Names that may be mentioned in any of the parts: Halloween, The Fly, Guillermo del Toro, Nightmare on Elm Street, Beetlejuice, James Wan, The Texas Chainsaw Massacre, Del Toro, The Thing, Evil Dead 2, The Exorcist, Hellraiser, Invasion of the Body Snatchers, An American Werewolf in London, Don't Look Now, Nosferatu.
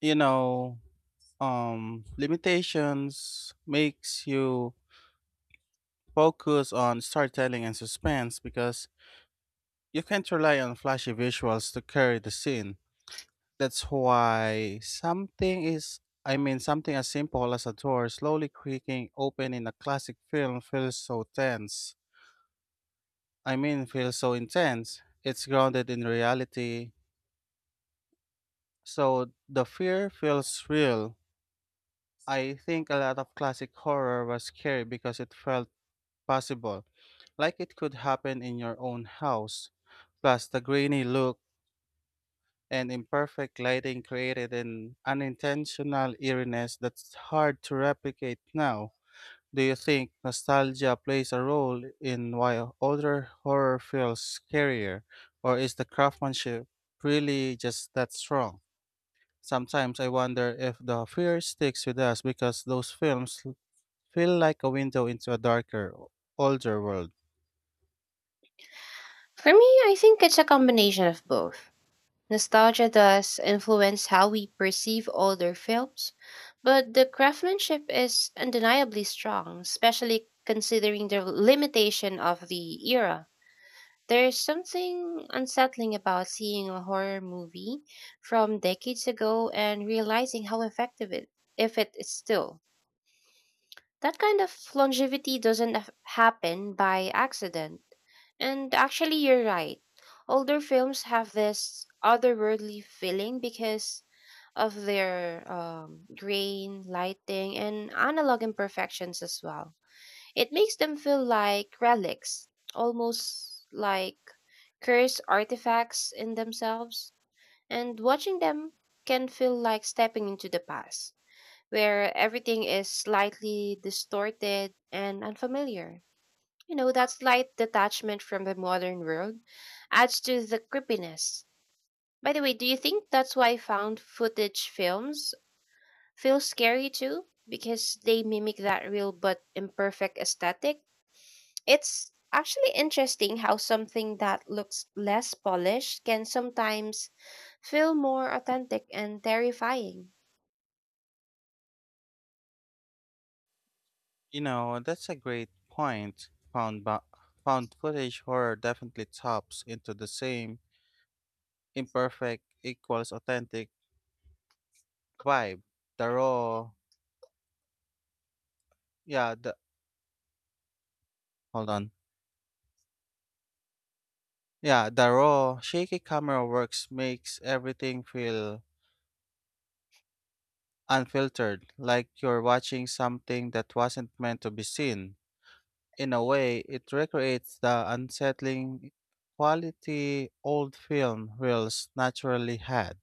you know, Limitations makes you focus on storytelling and suspense because you can't rely on flashy visuals to carry the scene. That's why something is, I mean, Something as simple as a door slowly creaking open in a classic film feels so intense. It's grounded in reality. So the fear feels real. I think a lot of classic horror was scary because it felt possible, like it could happen in your own house. Plus, the grainy look and imperfect lighting created an unintentional eeriness that's hard to replicate now. Do you think nostalgia plays a role in why older horror feels scarier, or is the craftsmanship really just that strong? Sometimes I wonder if the fear sticks with us because those films feel like a window into a darker, older world. For me, I think it's a combination of both. Nostalgia does influence how we perceive older films, but the craftsmanship is undeniably strong, especially considering the limitation of the era. There's something unsettling about seeing a horror movie from decades ago and realizing how effective it if it is still. That kind of longevity doesn't happen by accident. And actually, you're right. Older films have this otherworldly feeling because of their grain, lighting, and analog imperfections as well. It makes them feel like relics, almost like cursed artifacts in themselves. And watching them can feel like stepping into the past, where everything is slightly distorted and unfamiliar. You know, that slight detachment from the modern world adds to the creepiness. By the way, do you think that's why found footage films feel scary too? Because they mimic that real but imperfect aesthetic? It's actually interesting how something that looks less polished can sometimes feel more authentic and terrifying. You know, that's a great point. Found footage horror definitely taps into the same imperfect equals authentic vibe. The raw, yeah, the, hold on. Yeah, the raw, shaky camera works makes everything feel unfiltered, like you're watching something that wasn't meant to be seen. In a way, it recreates the unsettling quality old film reels naturally had.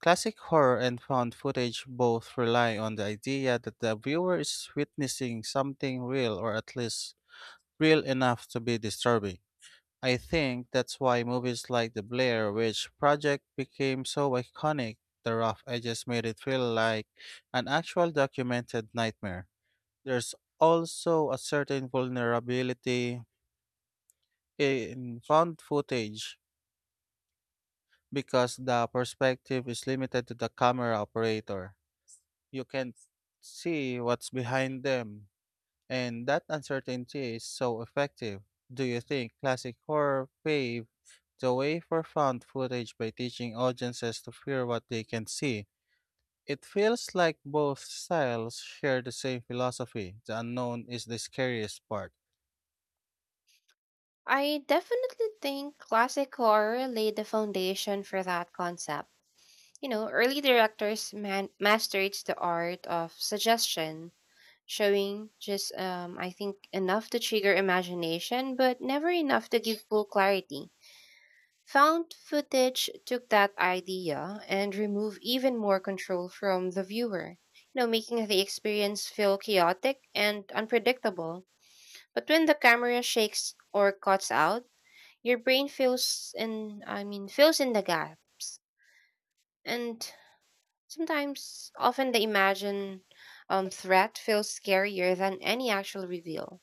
Classic horror and found footage both rely on the idea that the viewer is witnessing something real or at least real enough to be disturbing. I think that's why movies like The Blair Witch Project became so iconic. The rough edges made it feel like an actual documented nightmare. There's also a certain vulnerability in found footage because the perspective is limited to the camera operator. You can't see what's behind them, and that uncertainty is so effective. Do you think classic horror paved the way for found footage by teaching audiences to fear what they can see? It feels like both styles share the same philosophy the unknown is the scariest part. I definitely think classic horror laid the foundation for that concept. You know, early directors mastered the art of suggestion, showing just, I think, enough to trigger imagination, but never enough to give full clarity. Found footage took that idea and removed even more control from the viewer, you know, making the experience feel chaotic and unpredictable. But when the camera shakes or cuts out, your brain fills in the gaps. And sometimes, often the imagined threat feels scarier than any actual reveal.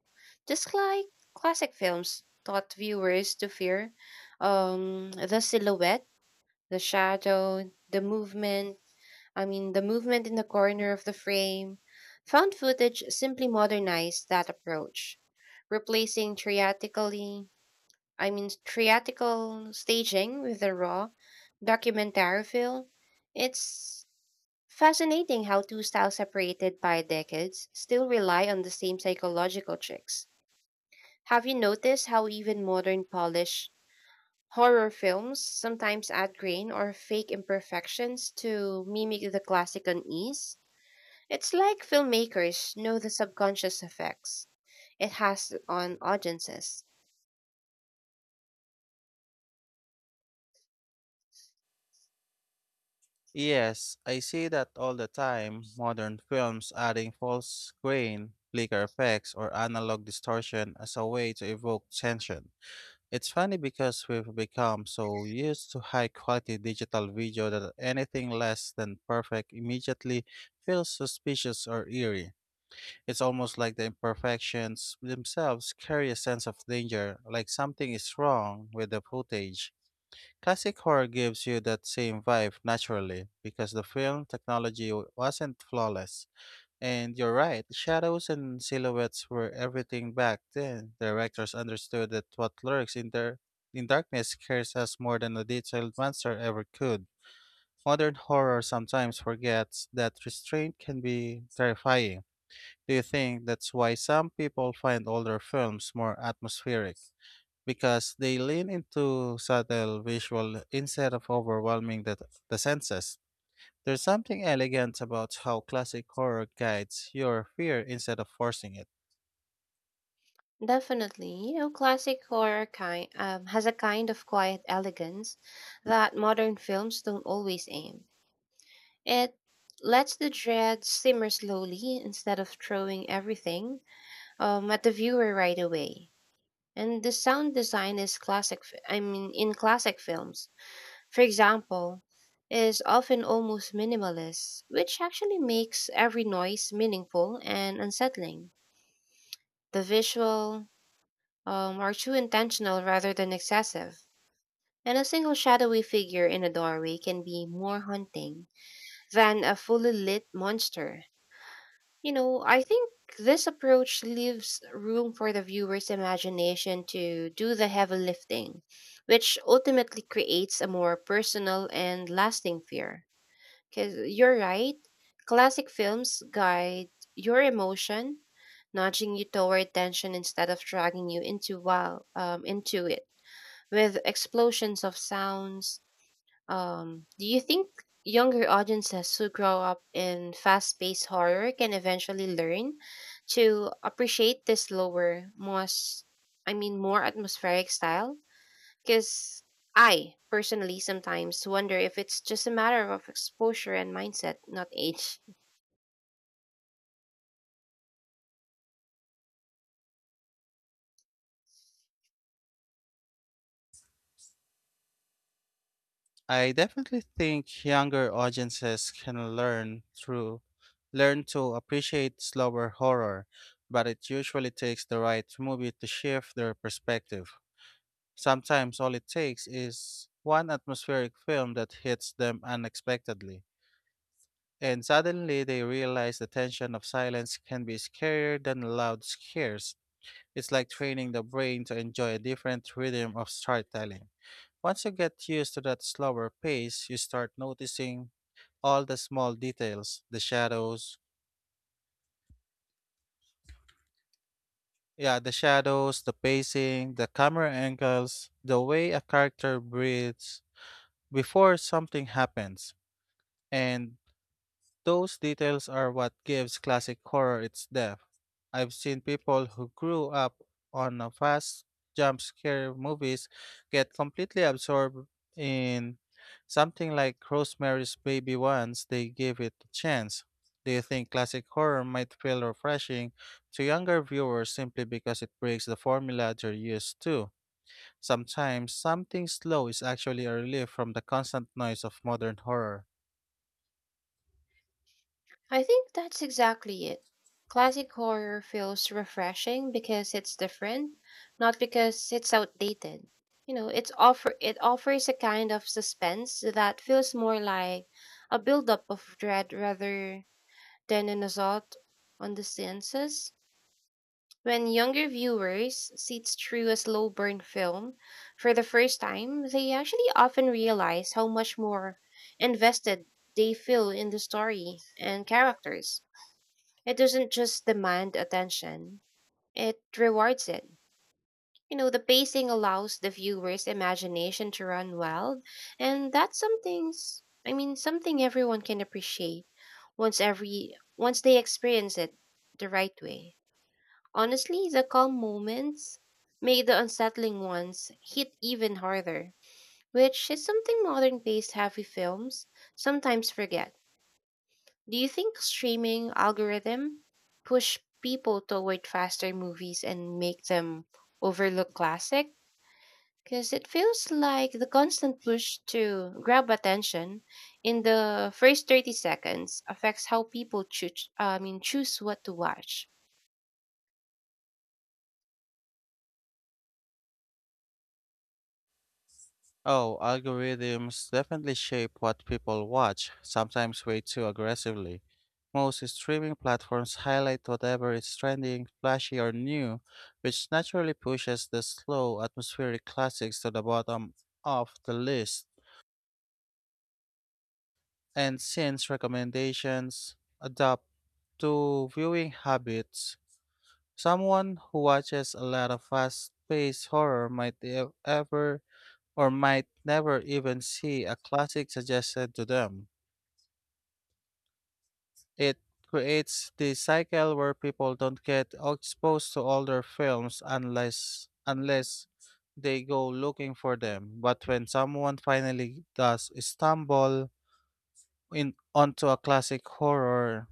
Just like classic films taught viewers to fear the silhouette, the shadow, the movement in the corner of the frame. Found footage simply modernized that approach, replacing theatrically, I mean, theatrical staging with a raw documentary film. It's fascinating how two styles separated by decades still rely on the same psychological tricks. Have you noticed how even modern Polish horror films sometimes add grain or fake imperfections to mimic the classic unease? It's like filmmakers know the subconscious effects it has on audiences. Yes, I see that all the time. Modern films adding false grain, flicker effects, or analog distortion as a way to evoke tension. It's funny because we've become so used to high quality digital video that anything less than perfect immediately feels suspicious or eerie. It's almost like the imperfections themselves carry a sense of danger, like something is wrong with the footage. Classic horror gives you that same vibe naturally because the film technology wasn't flawless. And you're right, shadows and silhouettes were everything back then. Directors understood that what lurks in their in darkness scares us more than a detailed monster ever could. Modern horror sometimes forgets that restraint can be terrifying. Do you think that's why some people find older films more atmospheric? Because they lean into subtle visual instead of overwhelming the senses. There's something elegant about how classic horror guides your fear instead of forcing it. Definitely, you know, classic horror kind has a kind of quiet elegance that modern films don't always aim. It lets the dread simmer slowly instead of throwing everything at the viewer right away. And the sound design is classic, f- I mean, in classic films, for example, is often almost minimalist, which actually makes every noise meaningful and unsettling. The visual are too intentional rather than excessive, and a single shadowy figure in a doorway can be more haunting than a fully lit monster. You know, I think this approach leaves room for the viewer's imagination to do the heavy lifting, which ultimately creates a more personal and lasting fear. Because you're right, classic films guide your emotion, nudging you toward tension instead of dragging you into wow, into it. With explosions of sounds, do you think younger audiences who grow up in fast-paced horror can eventually learn to appreciate this slower, more atmospheric style? Because I personally sometimes wonder if it's just a matter of exposure and mindset, not age. I definitely think younger audiences can learn to appreciate slower horror, but it usually takes the right movie to shift their perspective. Sometimes all it takes is one atmospheric film that hits them unexpectedly, and suddenly they realize the tension of silence can be scarier than loud scares. It's like training the brain to enjoy a different rhythm of storytelling. Once you get used to that slower pace, you start noticing all the small details, the shadows, the pacing, the camera angles, the way a character breathes before something happens. And those details are what gives classic horror its depth. I've seen people who grew up on a fast jump scare movies get completely absorbed in something like Rosemary's Baby once they give it a chance. Do you think classic horror might feel refreshing to younger viewers simply because it breaks the formula they're used to? Sometimes something slow is actually a relief from the constant noise of modern horror. I think that's exactly it. Classic horror feels refreshing because it's different, not because it's outdated. You know, it offers a kind of suspense that feels more like a buildup of dread rather than an assault on the senses. When younger viewers sit through a slow burn film for the first time, they actually often realize how much more invested they feel in the story and characters. It doesn't just demand attention, it rewards it. You know, the pacing allows the viewer's imagination to run wild, and that's something's I mean something everyone can appreciate once they experience it the right way. Honestly, the calm moments make the unsettling ones hit even harder, which is something modern paced heavy films sometimes forget. Do you think streaming algorithm push people toward faster movies and make them overlook classic? Because it feels like the constant push to grab attention in the first 30 seconds affects how people choose what to watch. Oh, algorithms definitely shape what people watch, sometimes way too aggressively. Most streaming platforms highlight whatever is trending, flashy, or new, which naturally pushes the slow atmospheric classics to the bottom of the list. And since recommendations adapt to viewing habits, someone who watches a lot of fast-paced horror might e- ever or might never even see a classic suggested to them. It creates this cycle where people don't get exposed to older films unless they go looking for them. But when someone finally does stumble in onto a classic horror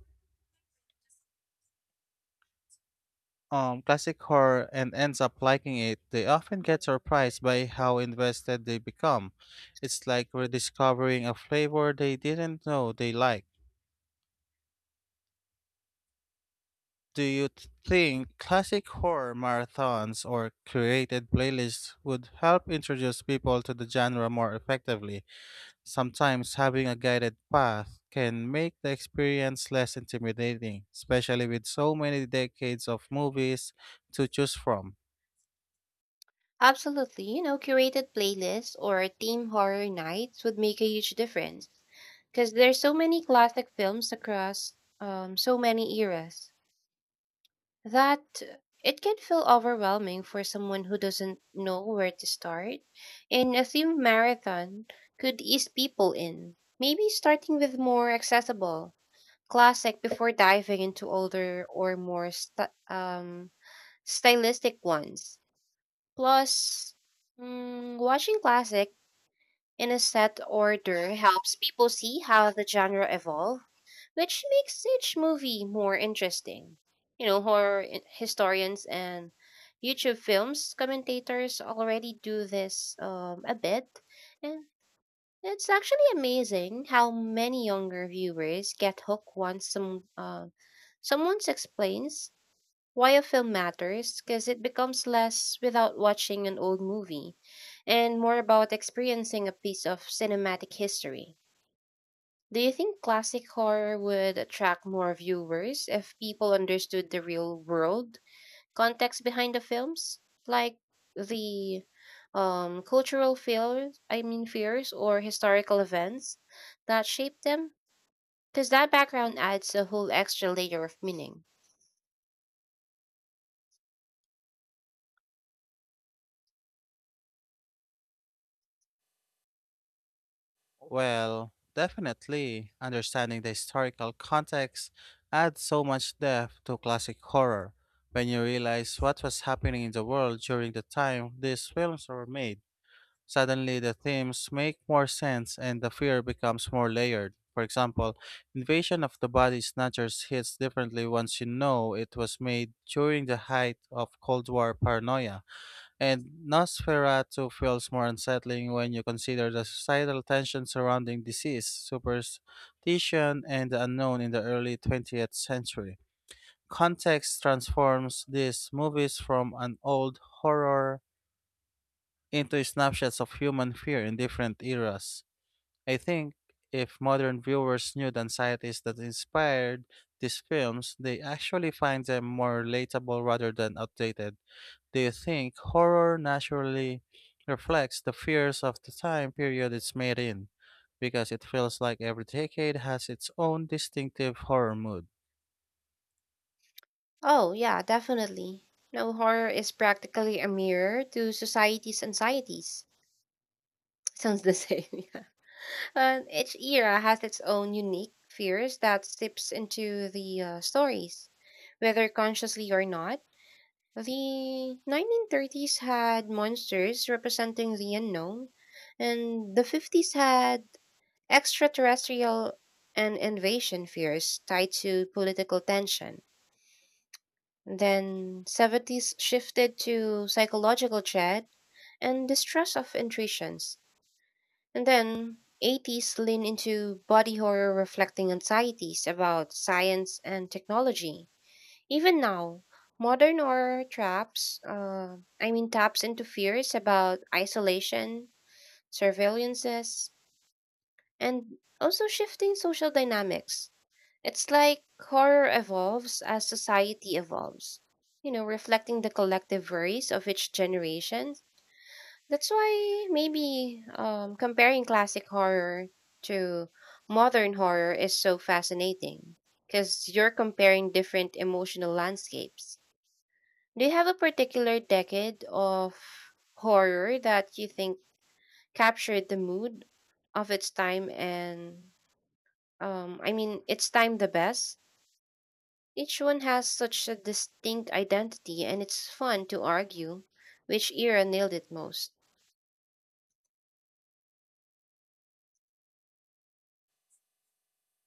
um classic horror and ends up liking it, they often get surprised by how invested they become. It's like rediscovering a flavor they didn't know they liked. Do you think classic horror marathons or curated playlists would help introduce people to the genre more effectively? Sometimes having a guided path can make the experience less intimidating, especially with so many decades of movies to choose from. Absolutely, you know, curated playlists or theme horror nights would make a huge difference because there's so many classic films across so many eras, that it can feel overwhelming for someone who doesn't know where to start. And a theme marathon could ease people in, maybe starting with more accessible classic before diving into older or more stylistic ones. Plus, watching classic in a set order helps people see how the genre evolved, which makes each movie more interesting. You know, horror historians and YouTube films commentators already do this a bit, and it's actually amazing how many younger viewers get hooked once someone explains why a film matters because it becomes less without watching an old movie and more about experiencing a piece of cinematic history. Do you think classic horror would attract more viewers if people understood the real world context behind the films? Like the cultural fears, I mean, fears or historical events that shaped them? Because that background adds a whole extra layer of meaning. Well, definitely, understanding the historical context adds so much depth to classic horror. When you realize what was happening in the world during the time these films were made, suddenly, the themes make more sense and the fear becomes more layered. For example, invasion of the body snatchers hits differently once you know it was made during the height of Cold War paranoia, and Nosferatu feels more unsettling when you consider the societal tension surrounding disease, superstition, and the unknown in the early 20th century. Context transforms these movies from an old horror into snapshots of human fear in different eras. I think if modern viewers knew the anxieties that inspired these films, they actually find them more relatable rather than outdated. Do you think horror naturally reflects the fears of the time period it's made in? Because it feels like every decade has its own distinctive horror mood. Oh, yeah, definitely. No, horror is practically a mirror to society's anxieties. Sounds the same, yeah. And each era has its own unique fears that seeps into the stories, whether consciously or not. The 1930s had monsters representing the unknown, and the 50s had extraterrestrial and invasion fears tied to political tension. Then 70s shifted to psychological chat and distrust of intuitions. And then 80s lean into body horror reflecting anxieties about science and technology. Even now, modern horror traps, I mean taps into fears about isolation, surveillances, and also shifting social dynamics. It's like horror evolves as society evolves, you know, reflecting the collective worries of each generation. That's why maybe comparing classic horror to modern horror is so fascinating because you're comparing different emotional landscapes. Do you have a particular decade of horror that you think captured the mood of its time and it's time the best. Each one has such a distinct identity, and it's fun to argue which era nailed it most.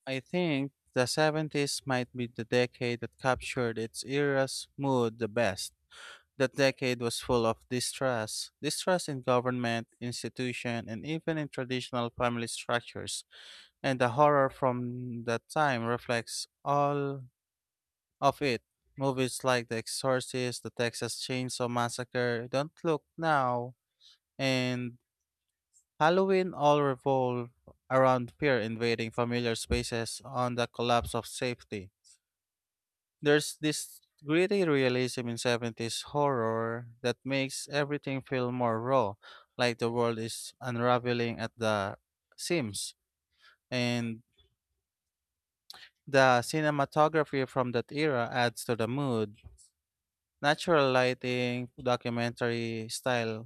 I think the 70s might be the decade that captured its era's mood the best. That decade was full of distrust, distrust in government, institution, and even in traditional family structures. And the horror from that time reflects all of it. Movies like The Exorcist, The Texas Chainsaw Massacre, Don't Look Now, and Halloween all revolve around fear invading familiar spaces on the collapse of safety. There's this gritty realism in 70s horror that makes everything feel more raw, like the world is unraveling at the seams. And the cinematography from that era adds to the mood. Natural lighting, documentary style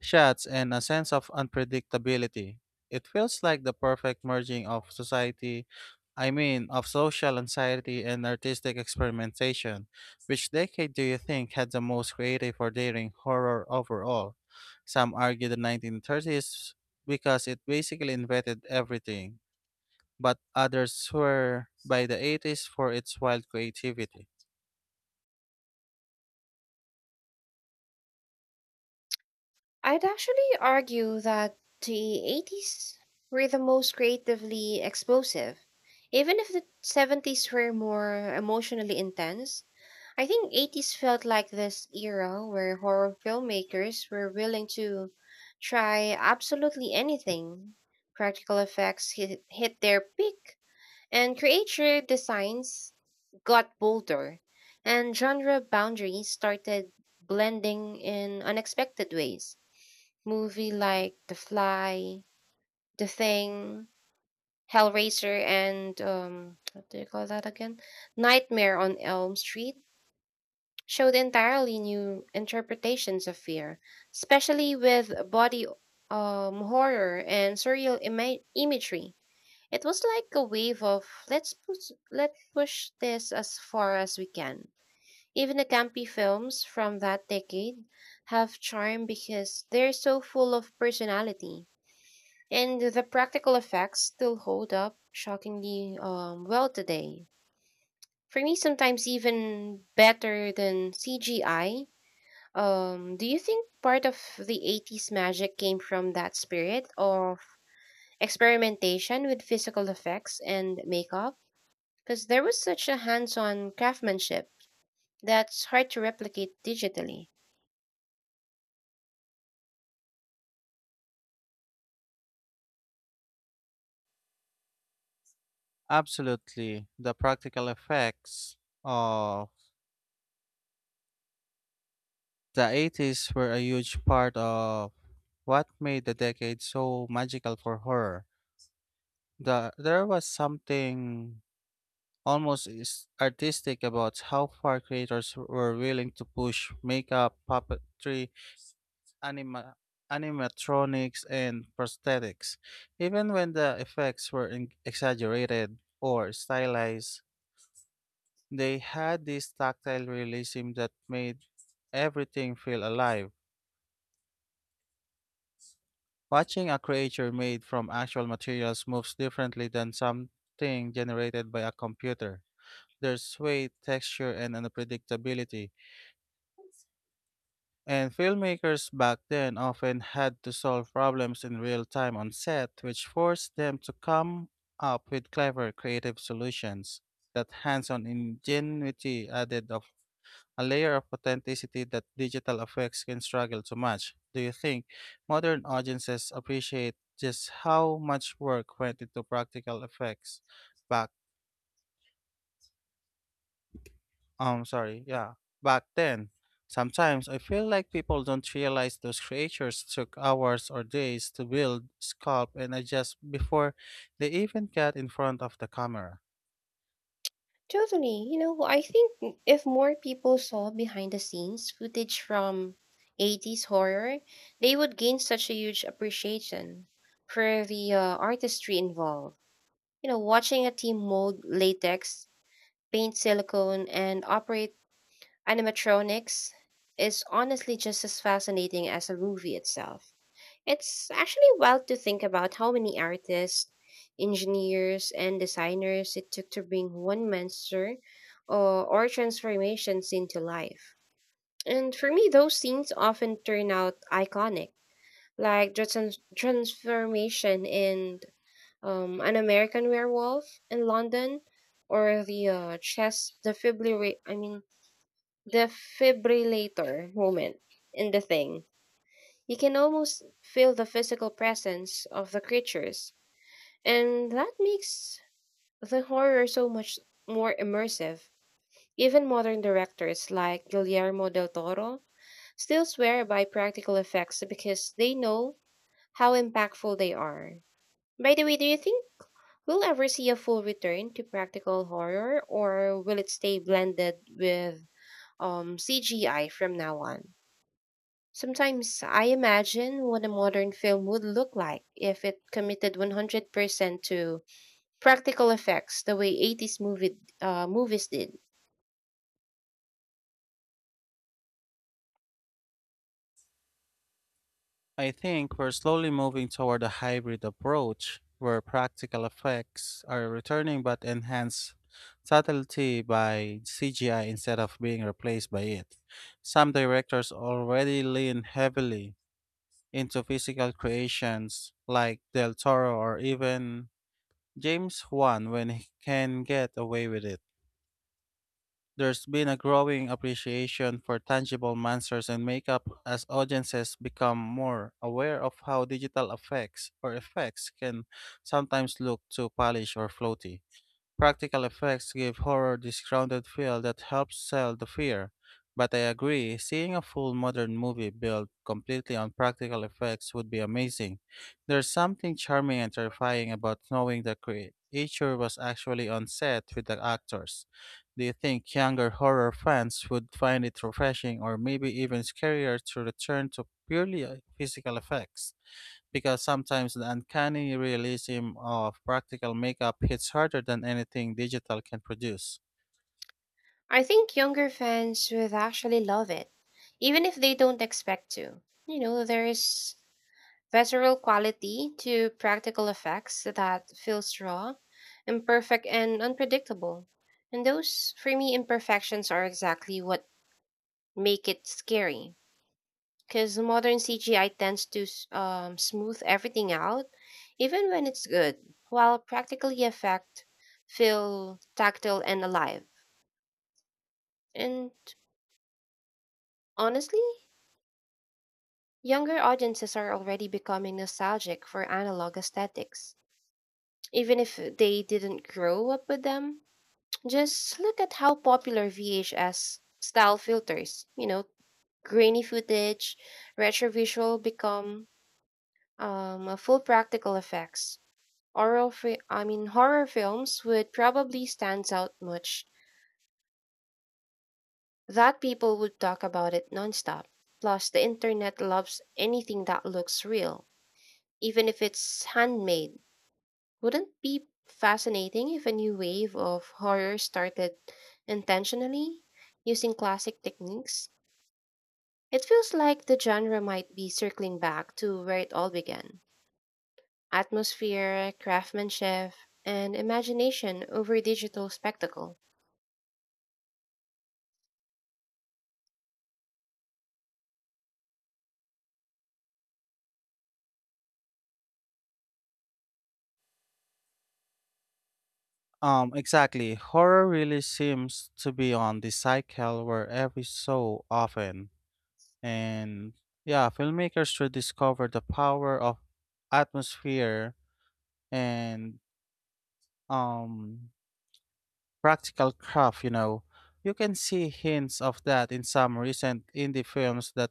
shots and a sense of unpredictability. It feels like the perfect merging of social anxiety and artistic experimentation. Which decade do you think had the most creative or daring horror overall? Some argue the 1930s because it basically invented everything, but others swear by the 80s for its wild creativity. I'd actually argue that the 80s were the most creatively explosive. Even if the 70s were more emotionally intense, I think 80s felt like this era where horror filmmakers were willing to try absolutely anything. Practical effects hit their peak. And creature designs got bolder, and genre boundaries started blending in unexpected ways. Movie like The Fly, The Thing, Hellraiser, and what do you call that again? Nightmare on Elm Street showed entirely new interpretations of fear, especially with body horror and surreal imagery. It was like a wave of let push this as far as we can. Even the campy films from that decade have charm because they're so full of personality. And the practical effects still hold up shockingly well today. For me, sometimes even better than CGI. Do you think part of the 80s magic came from that spirit of experimentation with physical effects and makeup, because there was such a hands on craftsmanship that's hard to replicate digitally? Absolutely, the practical effects of the 80s were a huge part of what made the decade so magical for horror. There was something almost artistic about how far creators were willing to push makeup, puppetry, anima- animatronics, and prosthetics. Even when the effects were exaggerated or stylized, they had this tactile realism that made everything feel alive. Watching a creature made from actual materials moves differently than something generated by a computer. There's weight, texture, and unpredictability. And filmmakers back then often had to solve problems in real time on set, which forced them to come up with clever, creative solutions. That hands on ingenuity added a layer of authenticity that digital effects can struggle to match. Do you think modern audiences appreciate just how much work went into practical effects back um sorry, yeah, back then? Sometimes I feel like people don't realize those creatures took hours or days to build, sculpt, and adjust before they even got in front of the camera. Totally. You know, well, I think if more people saw behind the scenes footage from 80s horror, they would gain such a huge appreciation for the artistry involved. You know, watching a team mold latex, paint silicone, and operate animatronics is honestly just as fascinating as a movie itself. It's actually wild to think about how many artists, engineers, and designers it took to bring one monster or transformations into life. And for me, those scenes often turn out iconic, like the transformation in An American Werewolf in London, or the chest defibrillator, I mean, defibrillator moment in The Thing. You can almost feel the physical presence of the creatures, and that makes the horror so much more immersive. Even modern directors like Guillermo del Toro still swear by practical effects because they know how impactful they are. By the way, do you think we'll ever see a full return to practical horror, or will it stay blended with CGI from now on? Sometimes I imagine what a modern film would look like if it committed 100% to practical effects the way movies did. I think we're slowly moving toward a hybrid approach where practical effects are returning but enhanced subtlety by CGI instead of being replaced by it. Some directors already lean heavily into physical creations like Del Toro or even James Wan when he can get away with it. There's been a growing appreciation for tangible monsters and makeup as audiences become more aware of how digital effects can sometimes look too polished or floaty. Practical effects give horror this grounded feel that helps sell the fear. But I agree, seeing a full modern movie built completely on practical effects would be amazing. There's something charming and terrifying about knowing the creature was actually on set with the actors. Do you think younger horror fans would find it refreshing or maybe even scarier to return to purely physical effects? Because sometimes the uncanny realism of practical makeup hits harder than anything digital can produce. I think younger fans would actually love it, even if they don't expect to. You know, there is visceral quality to practical effects that feels raw, imperfect, and unpredictable. And those, for me, imperfections are exactly what make it scary, because modern CGI tends to smooth everything out, even when it's good, while practical effect feel tactile and alive. And honestly, younger audiences are already becoming nostalgic for analog aesthetics, even if they didn't grow up with them. Just look at how popular VHS style filters, you know, grainy footage, retro visual become a full practical effects Oral fi- I mean horror films would probably stands out much that people would talk about it nonstop. Plus the internet loves anything that looks real, even if it's handmade. Wouldn't it be fascinating if a new wave of horror started intentionally using classic techniques? It feels like the genre might be circling back to where it all began. Atmosphere, craftsmanship, and imagination over digital spectacle. Exactly. Horror really seems to be on the cycle where every so often, and yeah, filmmakers should discover the power of atmosphere and um practical craft. You know, you can see hints of that in some recent indie films that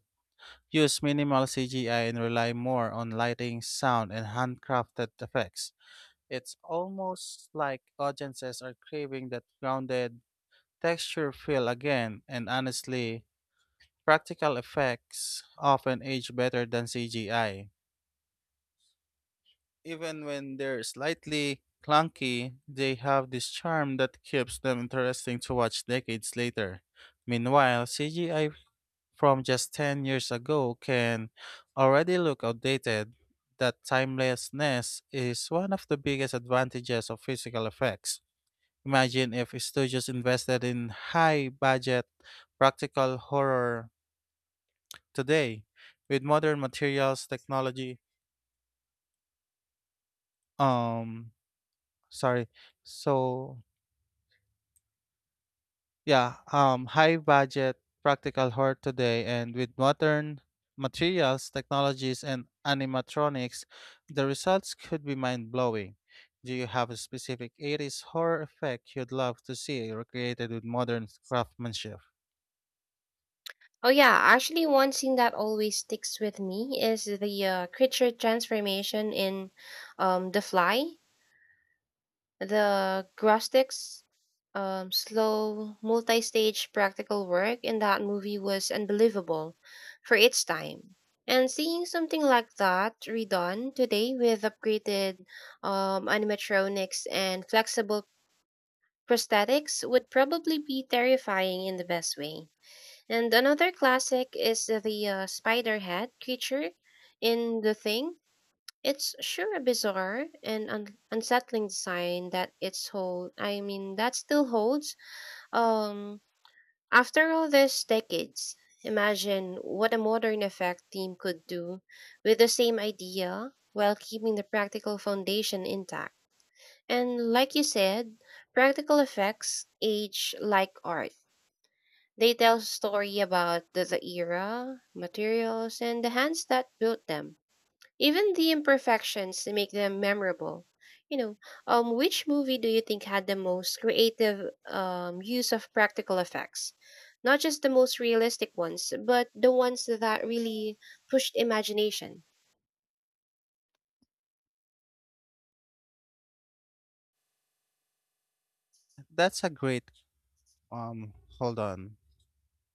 use minimal CGI and rely more on lighting, sound, and handcrafted effects. It's almost like audiences are craving that grounded texture feel again, and honestly, practical effects often age better than CGI. Even when they're slightly clunky, they have this charm that keeps them interesting to watch decades later. Meanwhile, CGI from just 10 years ago can already look outdated, that timelessness is one of the biggest advantages of physical effects. Imagine if studios invested in high budget practical horror today with modern materials technology um sorry so Yeah, high budget, practical horror today, and with modern materials, technologies, and animatronics, the results could be mind blowing. Do you have a specific 80s horror effect you'd love to see recreated with modern craftsmanship? Oh yeah, actually one scene that always sticks with me is the creature transformation in The Fly. The Grostix slow multi-stage practical work in that movie was unbelievable for its time. And seeing something like that redone today with upgraded animatronics and flexible prosthetics would probably be terrifying in the best way. And another classic is the spider head creature in The Thing. It's sure a bizarre and unsettling design that it's hold. I mean, that still holds. Um, After all these decades, imagine what a modern effect team could do with the same idea while keeping the practical foundation intact. And like you said, practical effects age like art. They tell story about the era, materials, and the hands that built them. Even the imperfections make them memorable. You know, which movie do you think had the most creative use of practical effects? Not just the most realistic ones, but the ones that really pushed imagination. That's a great, hold on.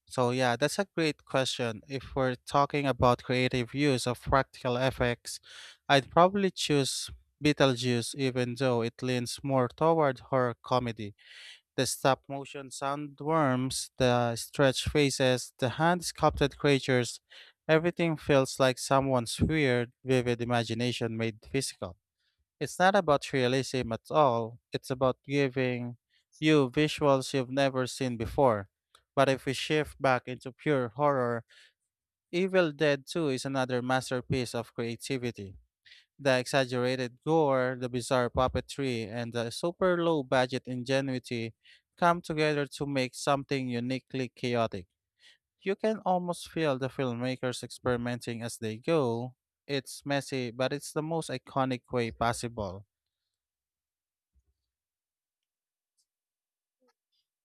So, yeah, That's a great question. If we're talking about creative use of practical effects, I'd probably choose Beetlejuice, even though it leans more toward horror comedy. The stop motion sandworms, the stretched faces, the hand sculpted creatures, everything feels like someone's weird, vivid imagination made physical. It's not about realism at all, it's about giving you visuals you've never seen before. But if we shift back into pure horror, Evil Dead 2 is another masterpiece of creativity. The exaggerated gore, the bizarre puppetry, and the super low budget ingenuity come together to make something uniquely chaotic. You can almost feel the filmmakers experimenting as they go. It's messy, but it's the most iconic way possible.